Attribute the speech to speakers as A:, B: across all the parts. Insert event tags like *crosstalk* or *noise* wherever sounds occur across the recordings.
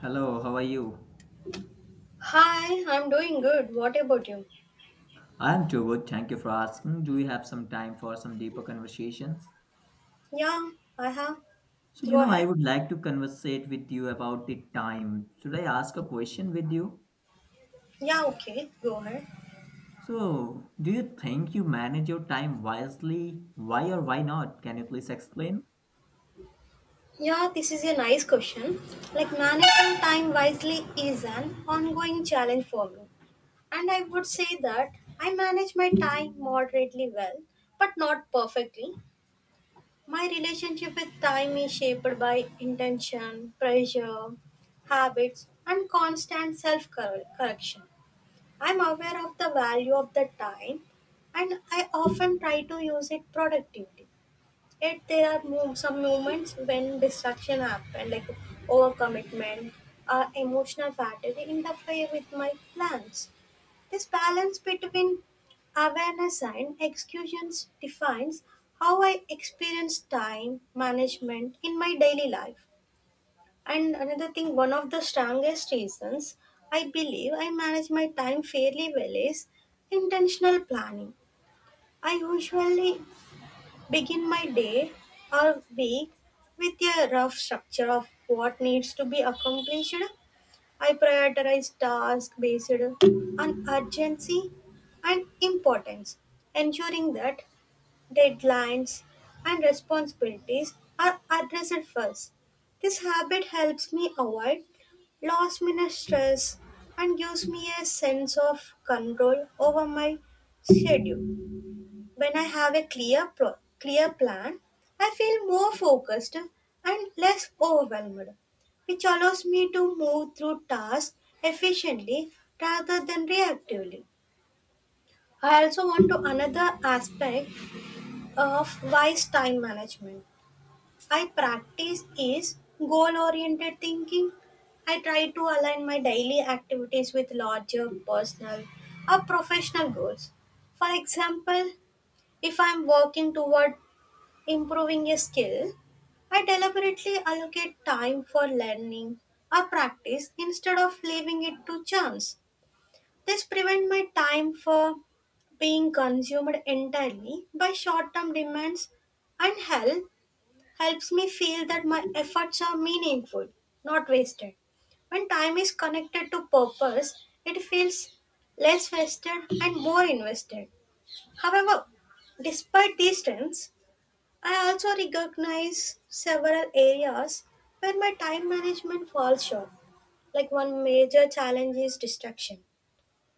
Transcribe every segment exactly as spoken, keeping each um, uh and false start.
A: Hello, how are you?
B: Hi, I'm doing good. What about you?
A: I'm too good. Thank you for asking. Do we have some time for some deeper conversations?
B: Yeah, I have.
A: So, you
B: Go
A: know, I
B: ahead.
A: would like to conversate with you about the time. Should I ask a question with you?
B: Yeah, okay, go ahead.
A: So, do you think you manage your time wisely? Why or why not? Can you please explain?
B: Yeah, this is a nice question. Like, managing time wisely is an ongoing challenge for me. And I would say that I manage my time moderately well, but not perfectly. My relationship with time is shaped by intention, pressure, habits, and constant self correction. I'm aware of the value of the time and I often try to use it productively. Yet there are mo- some moments when distraction happen, like overcommitment or emotional fatigue interfere with my plans. This balance between awareness and executions defines how I experience time management in my daily life. And another thing, one of the strongest reasons I believe I manage my time fairly well is intentional planning. I usually begin my day or week with a rough structure of what needs to be accomplished. I prioritize tasks based on urgency and importance, ensuring that deadlines, and responsibilities are addressed first. This habit helps me avoid last minute stress and gives me a sense of control over my schedule. When I have a clear, pro- clear plan, I feel more focused and less overwhelmed, which allows me to move through tasks efficiently rather than reactively. I also want to another aspect of wise time management. I practice is goal oriented thinking. I try to align my daily activities with larger personal or professional goals. For example, if I'm working toward improving a skill, I deliberately allocate time for learning or practice instead of leaving it to chance. This prevents my time from being consumed entirely by short term demands and help helps me feel that my efforts are meaningful, not wasted. When time is connected to purpose, it feels less wasted and more invested. However, despite these strengths, I also recognize several areas where my time management falls short. Like one major challenge is distraction,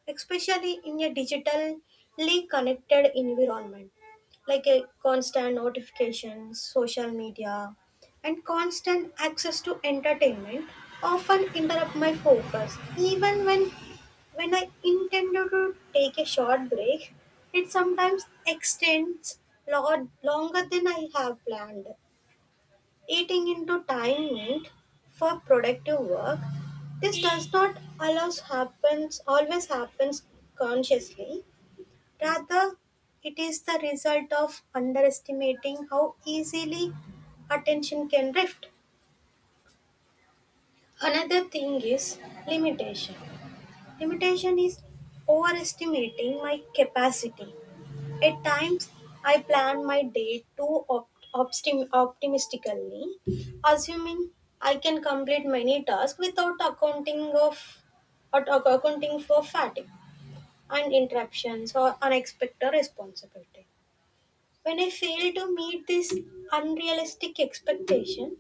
B: especially in a digitally connected environment, like a constant notifications, social media, and constant access to entertainment often interrupt my focus even when when I intended to take a short break. It sometimes extends lo- longer than I have planned, eating into time meant for productive work. This does not allows happens always happens consciously. Rather, it is the result of underestimating how easily attention can drift. Another thing is limitation. Limitation is overestimating my capacity. At times, I plan my day too op- optim- optimistically, assuming I can complete many tasks without accounting of or accounting for fatigue and interruptions or unexpected responsibility. When I fail to meet this unrealistic expectation,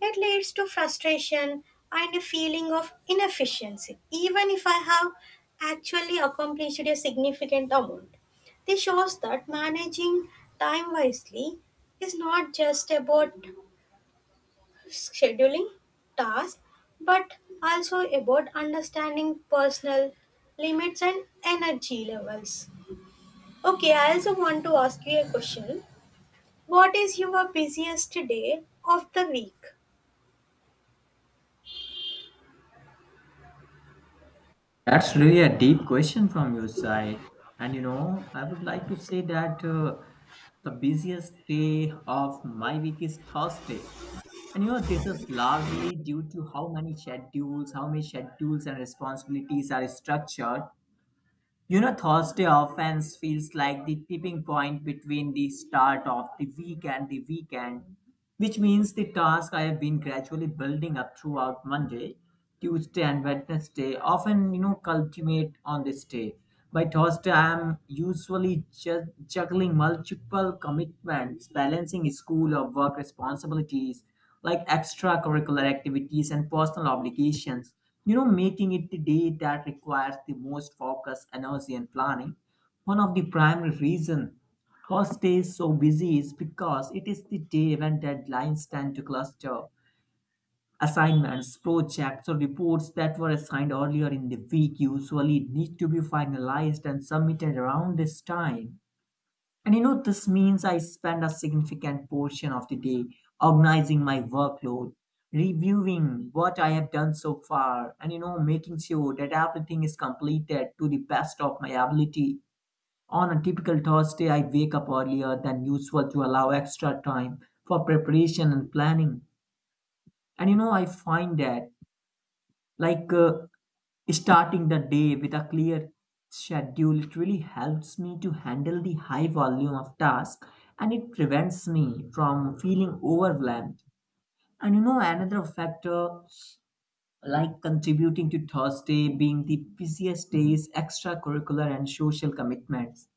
B: it leads to frustration and a feeling of inefficiency, even if I have actually accomplished a significant amount. This shows that managing time wisely is not just about scheduling tasks but also about understanding personal limits and energy levels. Okay, I also want to ask you a question. What is your busiest day of the week?
A: That's really a deep question from your side. And you know, I would like to say that uh, the busiest day of my week is Thursday. And you know, this is largely due to how many schedules, how many schedules and responsibilities are structured. You know, Thursday often feels like the tipping point between the start of the week and the weekend, which means the task I have been gradually building up throughout Monday, Tuesday, and Wednesday often, you know, culminate on this day. By Thursday, I am usually ju- juggling multiple commitments, balancing school or work responsibilities like extracurricular activities and personal obligations, you know, making it the day that requires the most focus, energy, and planning. One of the primary reasons Horse stays so busy is because it is the day when deadlines tend to cluster. Assignments, projects, or reports that were assigned earlier in the week usually need to be finalized and submitted around this time. And you know, this means I spend a significant portion of the day organizing my workload, reviewing what I have done so far, and you know, making sure that everything is completed to the best of my ability. On a typical Thursday, I wake up earlier than usual to allow extra time for preparation and planning. And you know, I find that like uh, starting the day with a clear schedule, it really helps me to handle the high volume of tasks and it prevents me from feeling overwhelmed. And you know, another factor like contributing to Thursday being the busiest days, extracurricular and social commitments.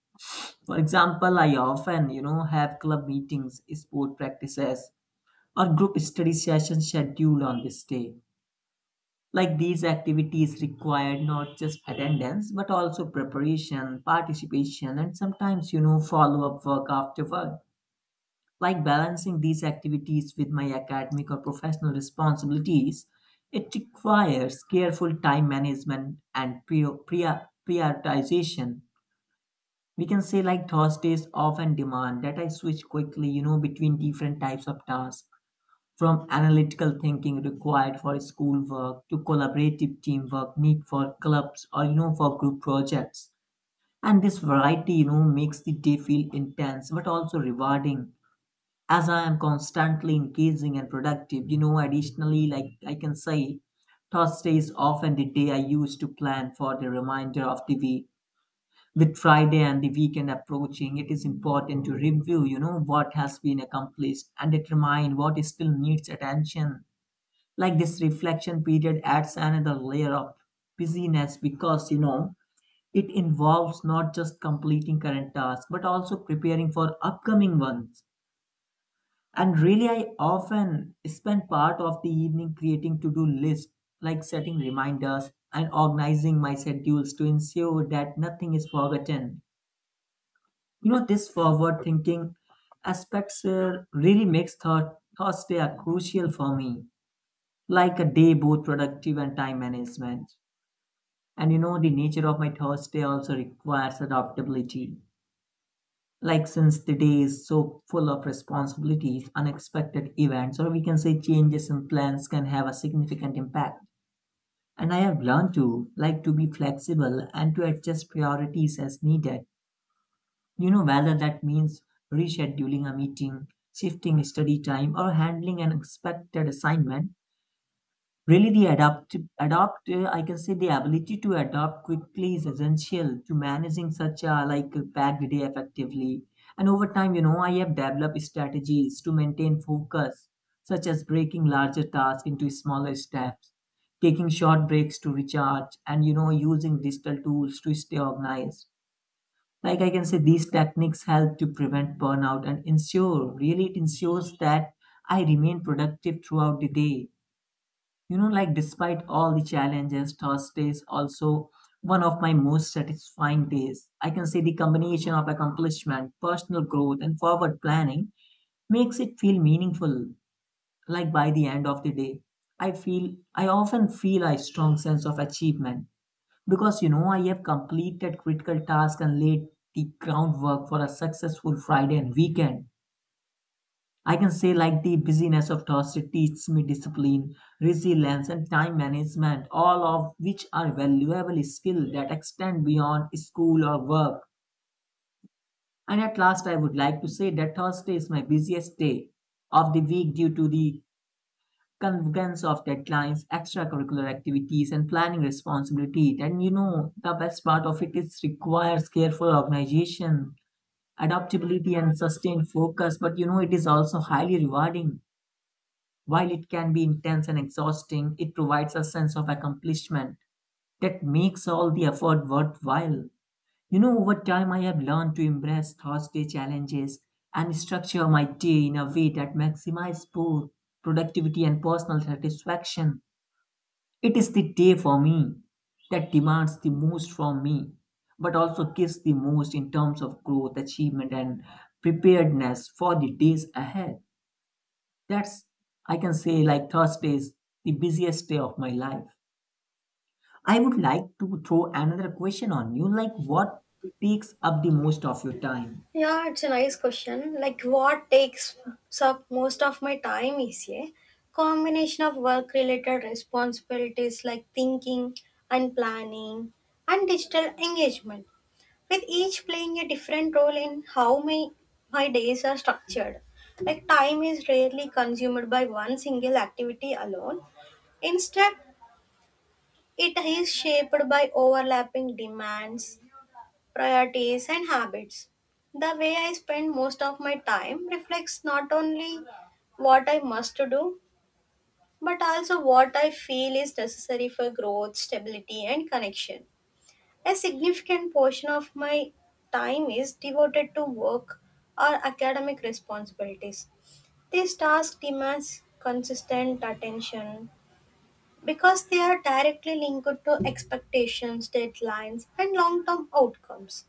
A: For example, I often, you know, have club meetings, sport practices, or group study sessions scheduled on this day. Like these activities require not just attendance but also preparation, participation, and sometimes, you know, follow up work after work. Like balancing these activities with my academic or professional responsibilities, it requires careful time management and prior- prior- prioritization. We can say like Thursdays often demand that I switch quickly, you know, between different types of tasks from analytical thinking required for schoolwork to collaborative teamwork need for clubs or you know for group projects. And this variety, you know, makes the day feel intense but also rewarding. As I am constantly engaging and productive, you know, additionally, like I can say, Thursday is often the day I use to plan for the remainder of the week. With Friday and the weekend approaching, it is important to review, you know, what has been accomplished and determine what still needs attention like this reflection period adds another layer of busyness because you know it involves not just completing current tasks but also preparing for upcoming ones, and really I often spend part of the evening creating to-do lists, like setting reminders and organizing my schedules to ensure that nothing is forgotten. You know this forward thinking aspects uh, really makes thought, thursday are crucial for me, like a day both productive and time management. And you know, the nature of my Thursday also requires adaptability. Like, since the day is so full of responsibilities, unexpected events, or we can say changes in plans can have a significant impact. And I have learned to like to be flexible and to adjust priorities as needed. You know, whether that means rescheduling a meeting, shifting study time, or handling an expected assignment. Really, the adapt adopt uh, I can say the ability to adapt quickly is essential to managing such a like a packed day effectively. And over time, you know, I have developed strategies to maintain focus, such as breaking larger tasks into smaller steps, taking short breaks to recharge, and you know, using digital tools to stay organized. Like I can say, these techniques help to prevent burnout and ensure really it ensures that I remain productive throughout the day. You know, like despite all the challenges, Thursday is also one of my most satisfying days. I can say the combination of accomplishment, personal growth, and forward planning makes it feel meaningful. Like by the end of the day, I feel I often feel a strong sense of achievement because you know I have completed critical tasks and laid the groundwork for a successful Friday and weekend. I can say like the busyness of task teaches me discipline, resilience, and time management, all of which are valuable skills that extend beyond school or work. And at last, I would like to say that Thursday is my busiest day of the week due to the convergence of deadlines, extracurricular activities, and planning responsibility. And you know, the best part of it is requires careful organization, adaptability, and sustained focus. But you know, it is also highly rewarding. While it can be intense and exhausting, it provides a sense of accomplishment that makes all the effort worthwhile. You know, over time, I have learned to embrace Thursday challenges and structure my day in a way that maximizes both productivity and personal satisfaction. It is the day for me that demands the most from me, but also gives the most in terms of growth, achievement, and preparedness for the days ahead. That's, I can say, like Thursday is the busiest day of my life. I would like to throw another question on you like, what takes up the most of your time?
B: Yeah, it's a nice question. Like, what takes up most of my time is a combination of work related responsibilities, like thinking and planning and digital engagement, with each playing a different role in how my, my days are structured. Like, time is rarely consumed by one single activity alone. Instead, it is shaped by overlapping demands, priorities and habits. The way I spend most of my time reflects not only what I must to do, but also what I feel is necessary for growth, stability, and connection. A significant portion of my time is devoted to work or academic responsibilities. This task demands consistent attention because they are directly linked to expectations, deadlines, and long term outcomes.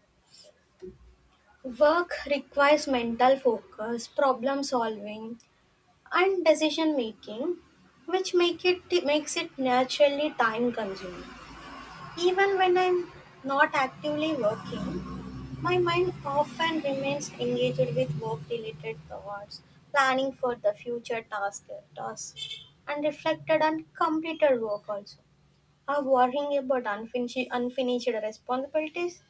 B: Work requires mental focus, problem solving, and decision making, which make it makes it naturally time consuming. Even when I'm not actively working, my mind often remains engaged with work related thoughts, planning for the future task, tasks, and reflected on completed work also. Or worrying about unfinished, unfinished responsibilities.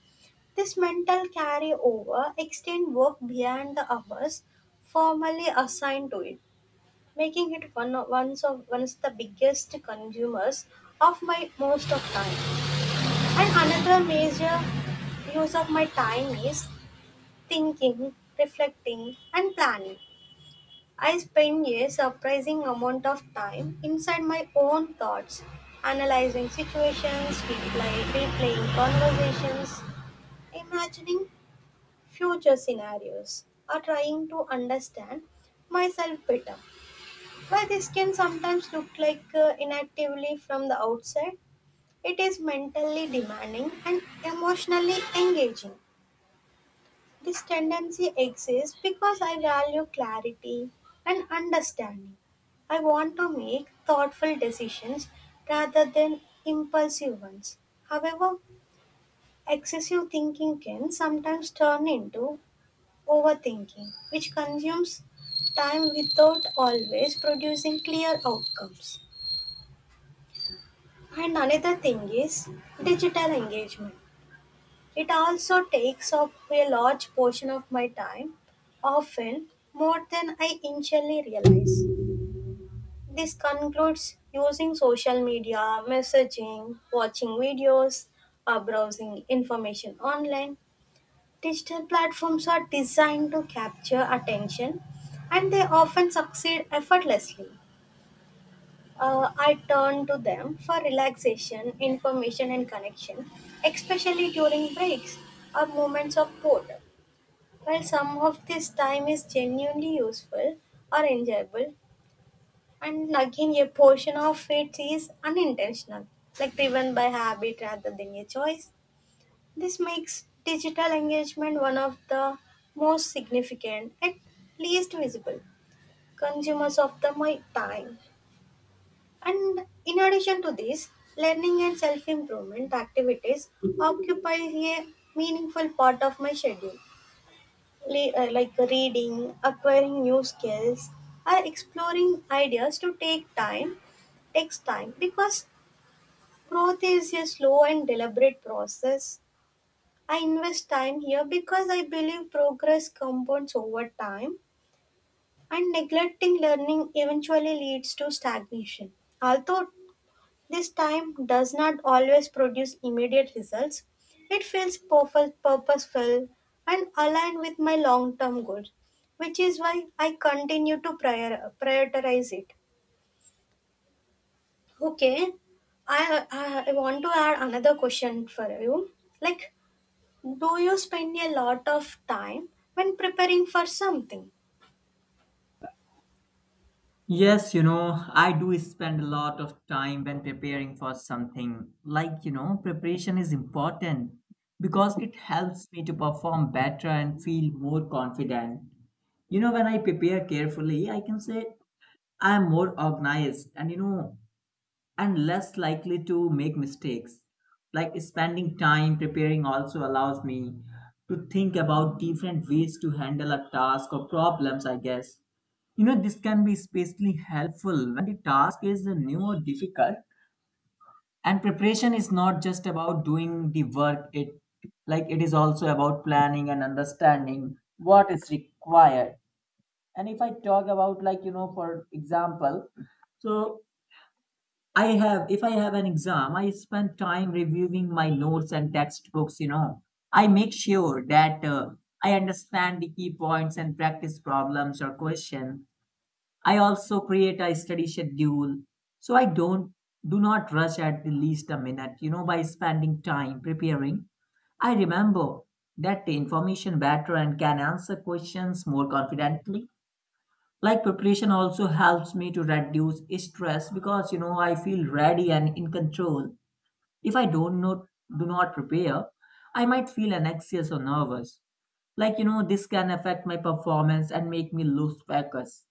B: This mental carryover extends work beyond the hours formally assigned to it, making it one of, one's of, one of the biggest consumers of my most of time. And another major use of my time is thinking, reflecting, and planning. I spend a surprising amount of time inside my own thoughts, analyzing situations, replay, replaying conversations, imagining future scenarios or trying to understand myself better. While this can sometimes look like uh, inactively from the outside, it is mentally demanding and emotionally engaging. This tendency exists because I value clarity and understanding. I want to make thoughtful decisions rather than impulsive ones. However, excessive thinking can sometimes turn into overthinking, which consumes time without always producing clear outcomes. And another thing is digital engagement. It also takes up a large portion of my time, often more than I initially realize. This concludes using social media, messaging, watching videos, or browsing information online. Digital platforms are designed to capture attention and they often succeed effortlessly. Uh, I turn to them for relaxation, information, and connection, especially during breaks or moments of boredom. While some of this time is genuinely useful or enjoyable, and again, a portion of it is unintentional, like driven by habit rather than a choice. This makes digital engagement one of the most significant and least visible consumers of the my time. And in addition to this, learning and self improvement activities occupy a meaningful part of my schedule. Le- uh, like reading, acquiring new skills, or exploring ideas to take time takes time because growth is a slow and deliberate process. I invest time here because I believe progress compounds over time and neglecting learning eventually leads to stagnation. Although this time does not always produce immediate results, it feels purpose- purposeful and aligned with my long term goals, which is why I continue to prior- prioritize it. Okay, I, I, I want to add another question for you. Like, do you spend a lot of time when preparing for something?
A: Yes, you know, I do spend a lot of time when preparing for something. Like, you know, preparation is important because it helps me to perform better and feel more confident. You know, when I prepare carefully, I can say I'm more organized and, you know, and less likely to make mistakes. Like spending time preparing also allows me to think about different ways to handle a task or problems, I guess. You know, this can be especially helpful when the task is new or difficult. And preparation is not just about doing the work, it like it is also about planning and understanding what is required. And if I talk about like, you know, for example, so I have, if I have an exam, I spend time reviewing my notes and textbooks, you know. I make sure that uh, I understand the key points and practice problems or question. I also create a study schedule. So I don't, do not rush at the least a minute, you know, by spending time preparing. I remember that the information better and can answer questions more confidently. Like preparation also helps me to reduce stress because you know I feel ready and in control. If i don't know do not prepare, I might feel anxious or nervous. Like you know this can affect my performance and make me lose focus.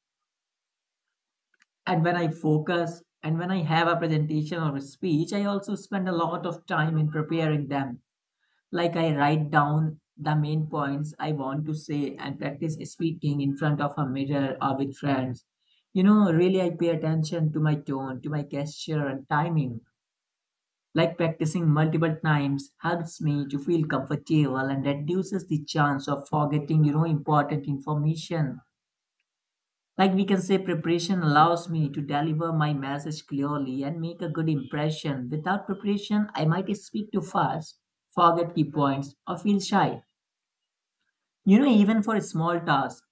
A: And when i focus and when I have a presentation or a speech, I also spend a lot of time in preparing them. Like I write down the main points I want to say and practice speaking in front of a mirror or with friends. You know, really I pay attention to my tone, to my gesture and timing. Like practicing multiple times helps me to feel comfortable and reduces the chance of forgetting, you know, important information. Like we can say, preparation allows me to deliver my message clearly and make a good impression. Without preparation, I might speak too fast, forget key points, or feel shy. You know, even for a small task,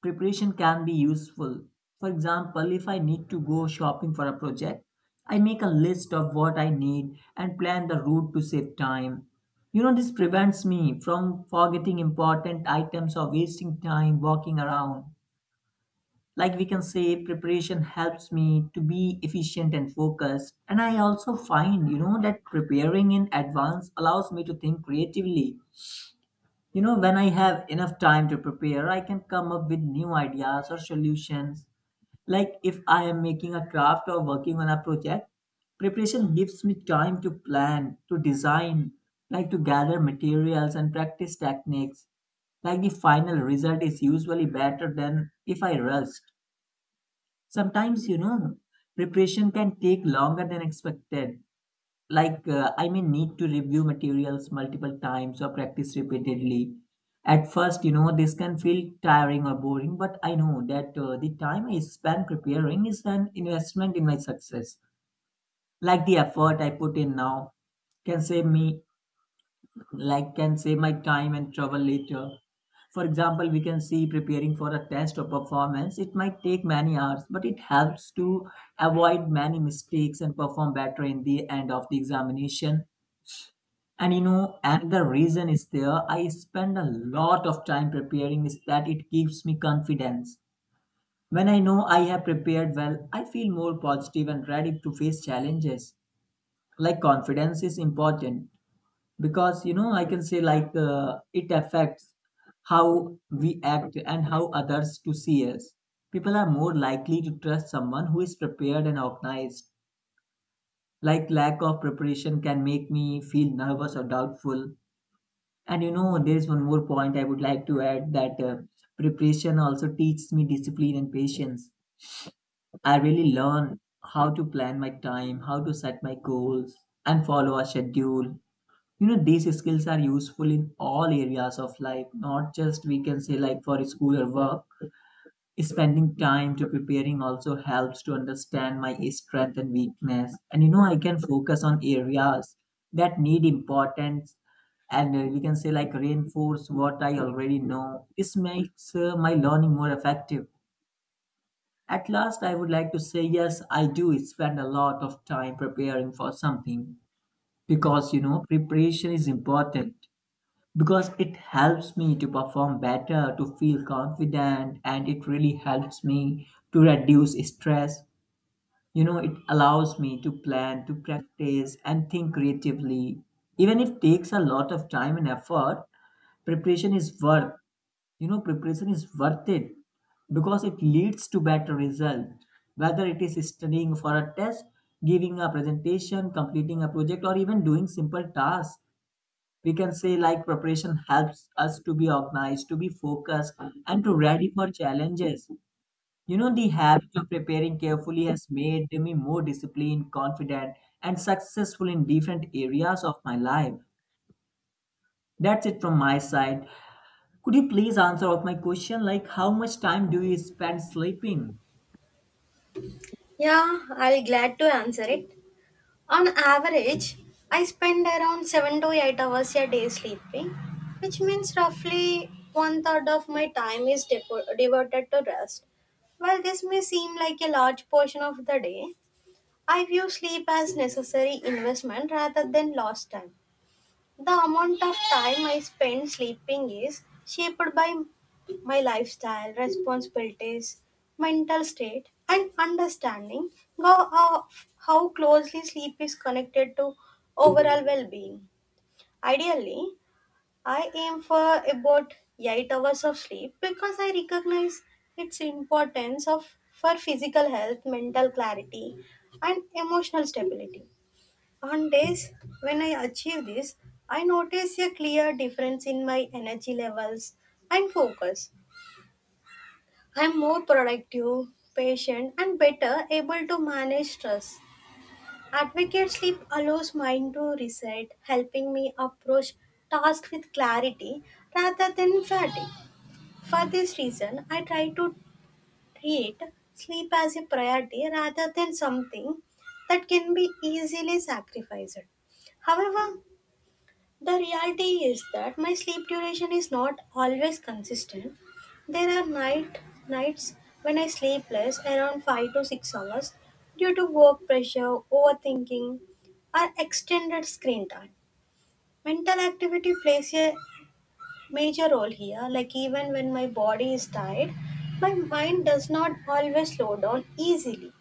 A: preparation can be useful. For example, if I need to go shopping for a project, I make a list of what I need and plan the route to save time. You know, this prevents me from forgetting important items or wasting time walking around. Like we can say, preparation helps me to be efficient and focused. And I also find, you know, that preparing in advance allows me to think creatively. You know, when I have enough time to prepare, I can come up with new ideas or solutions. Like if I am making a craft or working on a project, preparation gives me time to plan, to design, like to gather materials and practice techniques. Like the final result is usually better than if I rushed. Sometimes, you know, preparation can take longer than expected. Like, uh, I may need to review materials multiple times or practice repeatedly. At first, you know, this can feel tiring or boring, but I know that uh, the time I spend preparing is an investment in my success. Like the effort I put in now can save me, like, can save my time and trouble later. For example, we can see preparing for a test or performance. It might take many hours, but it helps to avoid many mistakes and perform better in the end of the examination. And you know, another reason is there. I spend a lot of time preparing is that it gives me confidence. When I know I have prepared well, I feel more positive and ready to face challenges. Like confidence is important because you know I can say like uh, it affects how we act and how others to see us. People are more likely to trust someone who is prepared and organized. Like lack of preparation can make me feel nervous or doubtful. And you know, there's one more point I would like to add that uh, preparation also teaches me discipline and patience. I really learn how to plan my time, how to set my goals, and follow a schedule. You know, these skills are useful in all areas of life, not just we can say like for school or work. Spending time to preparing also helps to understand my strength and weakness, and you know I can focus on areas that need importance, and uh, we can say like reinforce what I already know. This makes uh, my learning more effective. At last I would like to say yes, I do spend a lot of time preparing for something because you know preparation is important because it helps me to perform better, to feel confident, and it really helps me to reduce stress. You know, it allows me to plan, to practice, and think creatively. Even if it takes a lot of time and effort, preparation is worth, you know, preparation is worth it because it leads to better result. Whether it is studying for a test, giving a presentation, completing a project, or even doing simple tasks, we can say like preparation helps us to be organized, to be focused, and to ready for challenges. You know, the habit of preparing carefully has made me more disciplined, confident, and successful in different areas of my life. That's it from my side. Could you please answer of my question like how much time do you spend sleeping?
B: Yeah, I'll glad to answer it. On average, I spend around seven to eight hours a day sleeping, which means roughly one third of my time is devo- devoted to rest. While this may seem like a large portion of the day, I view sleep as necessary investment rather than lost time. The amount of time I spend sleeping is shaped by my lifestyle, responsibilities, mental state, and understanding of how closely sleep is connected to overall well being. Ideally, I aim for about eight hours of sleep because I recognize its importance of, for physical health, mental clarity, and emotional stability. On days when I achieve this, I notice a clear difference in my energy levels and focus. I'm more productive, patient, and better able to manage stress. Advocate sleep allows mind to reset, helping me approach tasks with clarity rather than fatigue. For this reason, I try to treat sleep as a priority rather than something that can be easily sacrificed. However, the reality is that my sleep duration is not always consistent. There are night nights when I sleep less around five to six hours due to work pressure, overthinking, or extended screen time. Mental activity plays a major role here, like even when my body is tired, my mind does not always slow down easily.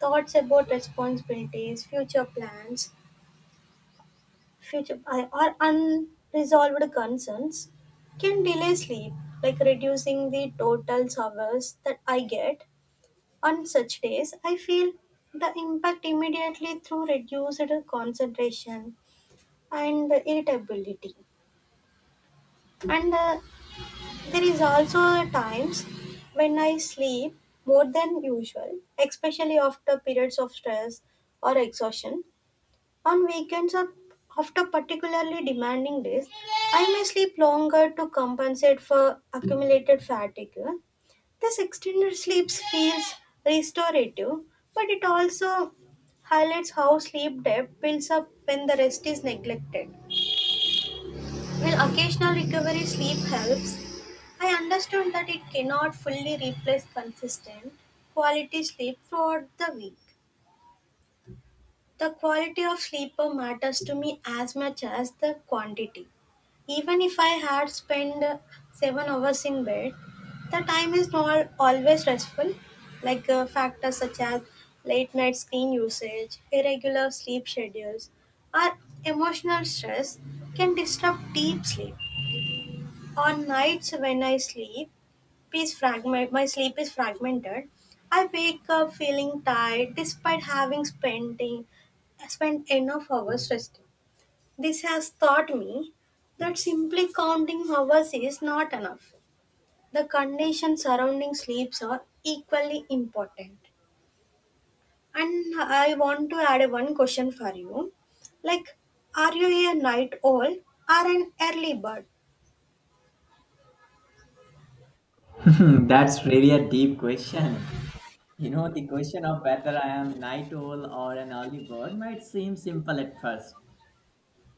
B: Thoughts about responsibilities, future plans, Future I- or unresolved concerns can delay sleep, like reducing the total hours that I get. On such days, I feel the impact immediately through reduced concentration and irritability. And uh, there is also times when I sleep more than usual, especially after periods of stress or exhaustion. On weekends or after particularly demanding days, I may sleep longer to compensate for accumulated fatigue. This extended sleep feels restorative, but it also highlights how sleep debt builds up when the rest is neglected. While occasional recovery sleep helps, I understood that it cannot fully replace consistent quality sleep throughout the week. The quality of sleeper matters to me as much as the quantity. Even if I had spent uh, seven hours in bed, the time is not always restful, like uh, factors such as late night screen usage, irregular sleep schedules, or emotional stress can disrupt deep sleep. On nights when I sleep, is fragment my sleep is fragmented, I wake up feeling tired despite having spent the- spent enough hours resting. This has taught me that simply counting hours is not enough. The conditions surrounding sleeps are equally important. And I want to add one question for you, like, are you a night owl or an early bird?
A: *laughs* That's really a deep question. You know, the question of whether I am night owl or an early bird might seem simple at first,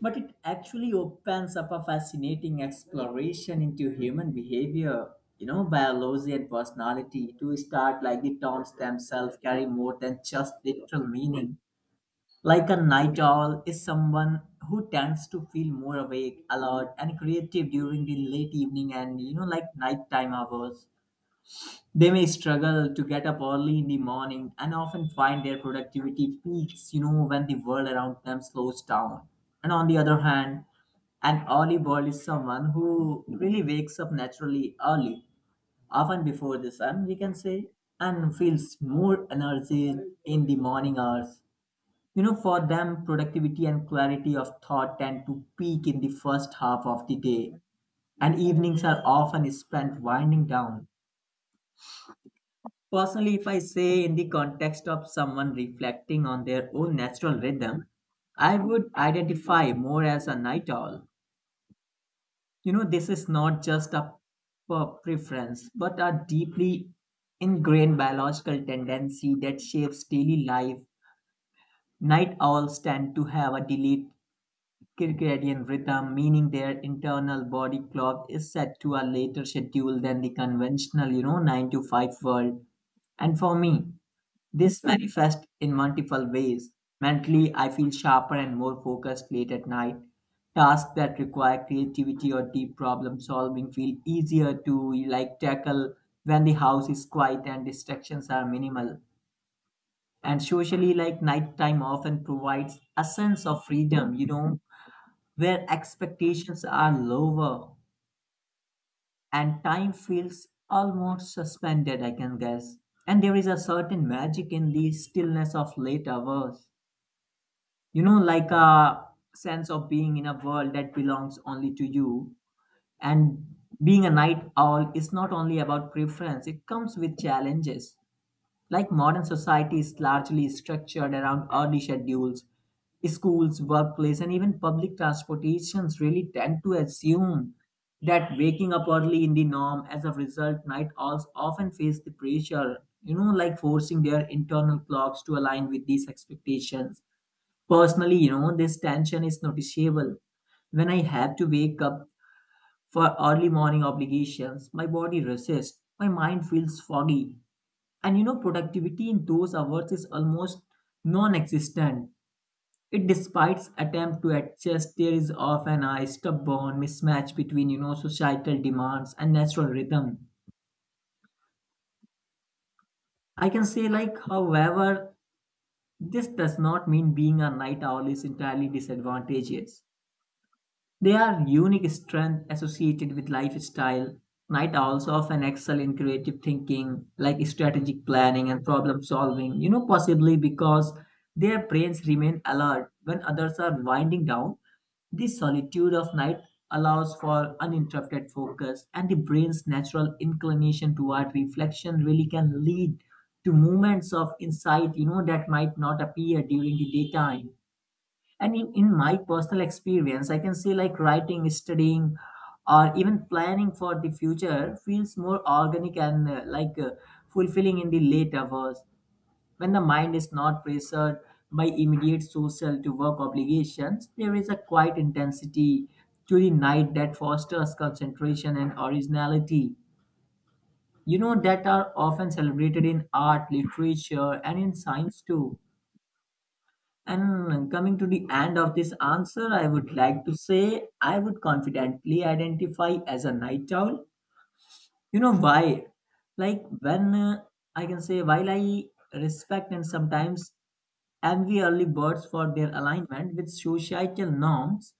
A: but it actually opens up a fascinating exploration into human behavior, you know, biology and personality. To start, like the terms themselves carry more than just literal meaning. Like a night owl is someone who tends to feel more awake, alert, and creative during the late evening and, you know, like nighttime hours. They may struggle to get up early in the morning and often find their productivity peaks, you know, when the world around them slows down. And on the other hand, an early bird is someone who really wakes up naturally early, often before the sun, we can say, and feels more energy in the morning hours. You know, for them, productivity and clarity of thought tend to peak in the first half of the day, and evenings are often spent winding down. Personally, if I say in the context of someone reflecting on their own natural rhythm, I would identify more as a night owl. You know, this is not just a per- preference, but a deeply ingrained biological tendency that shapes daily life. Night owls tend to have a delayed circadian rhythm, meaning their internal body clock is set to a later schedule than the conventional, you know, nine to five world. And for me, this manifests in multiple ways. Mentally, I feel sharper and more focused late at night. Tasks that require creativity or deep problem solving feel easier to like tackle when the house is quiet and distractions are minimal. And socially, like nighttime often provides a sense of freedom, you know, where expectations are lower and time feels almost suspended, I can guess. And there is a certain magic in the stillness of late hours, you know, like a sense of being in a world that belongs only to you. And being a night owl is not only about preference, it comes with challenges. Like modern society is largely structured around early schedules. Schools, workplace, and even public transportations really tend to assume that waking up early in the norm. As a result, night owls often face the pressure, you know, like forcing their internal clocks to align with these expectations. Personally, you know, this tension is noticeable. When I have to wake up for early morning obligations, my body resists, my mind feels foggy, and you know, productivity in those hours is almost non existent. It despite attempt to adjust, there is often a stubborn mismatch between you know societal demands and natural rhythm. I can say like however, this does not mean being a night owl is entirely disadvantageous. They are unique strength associated with lifestyle. Night owls often excel in creative thinking, like strategic planning and problem solving, you know, possibly because their brains remain alert when others are winding down. The solitude of night allows for uninterrupted focus, and the brain's natural inclination toward reflection really can lead to moments of insight, you know, that might not appear during the daytime. And in, in my personal experience, I can say like writing, studying, or even planning for the future feels more organic and uh, like uh, fulfilling in the late hours when the mind is not pressured by immediate social to work obligations. There is a quiet intensity to the night that fosters concentration and originality. You know that are often celebrated in art, literature, and in science too. And coming to the end of this answer, I would like to say I would confidently identify as a night owl. You know why? Like when uh, I can say, while I respect and sometimes envy early birds for their alignment with societal norms,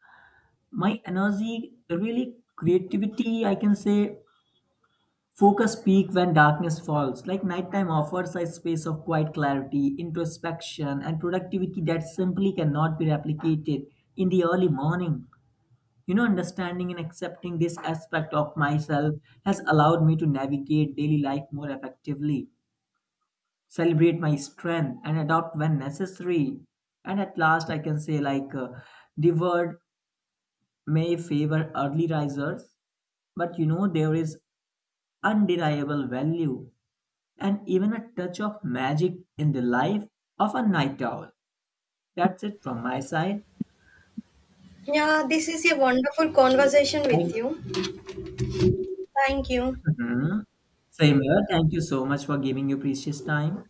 A: my energy, really creativity, I can say, focus peak when darkness falls, like nighttime offers a space of quiet clarity, introspection, and productivity that simply cannot be replicated in the early morning. You know, understanding and accepting this aspect of myself has allowed me to navigate daily life more effectively, celebrate my strength, and adopt when necessary. And at last, I can say, like, uh, the word may favor early risers, but you know, there is undeniable value and even a touch of magic in the life of a night owl. That's it from my side.
B: Yeah, this is a wonderful conversation with
A: Thank-
B: you. Thank you.
A: Mhm. Same here. Thank you so much for giving your precious time.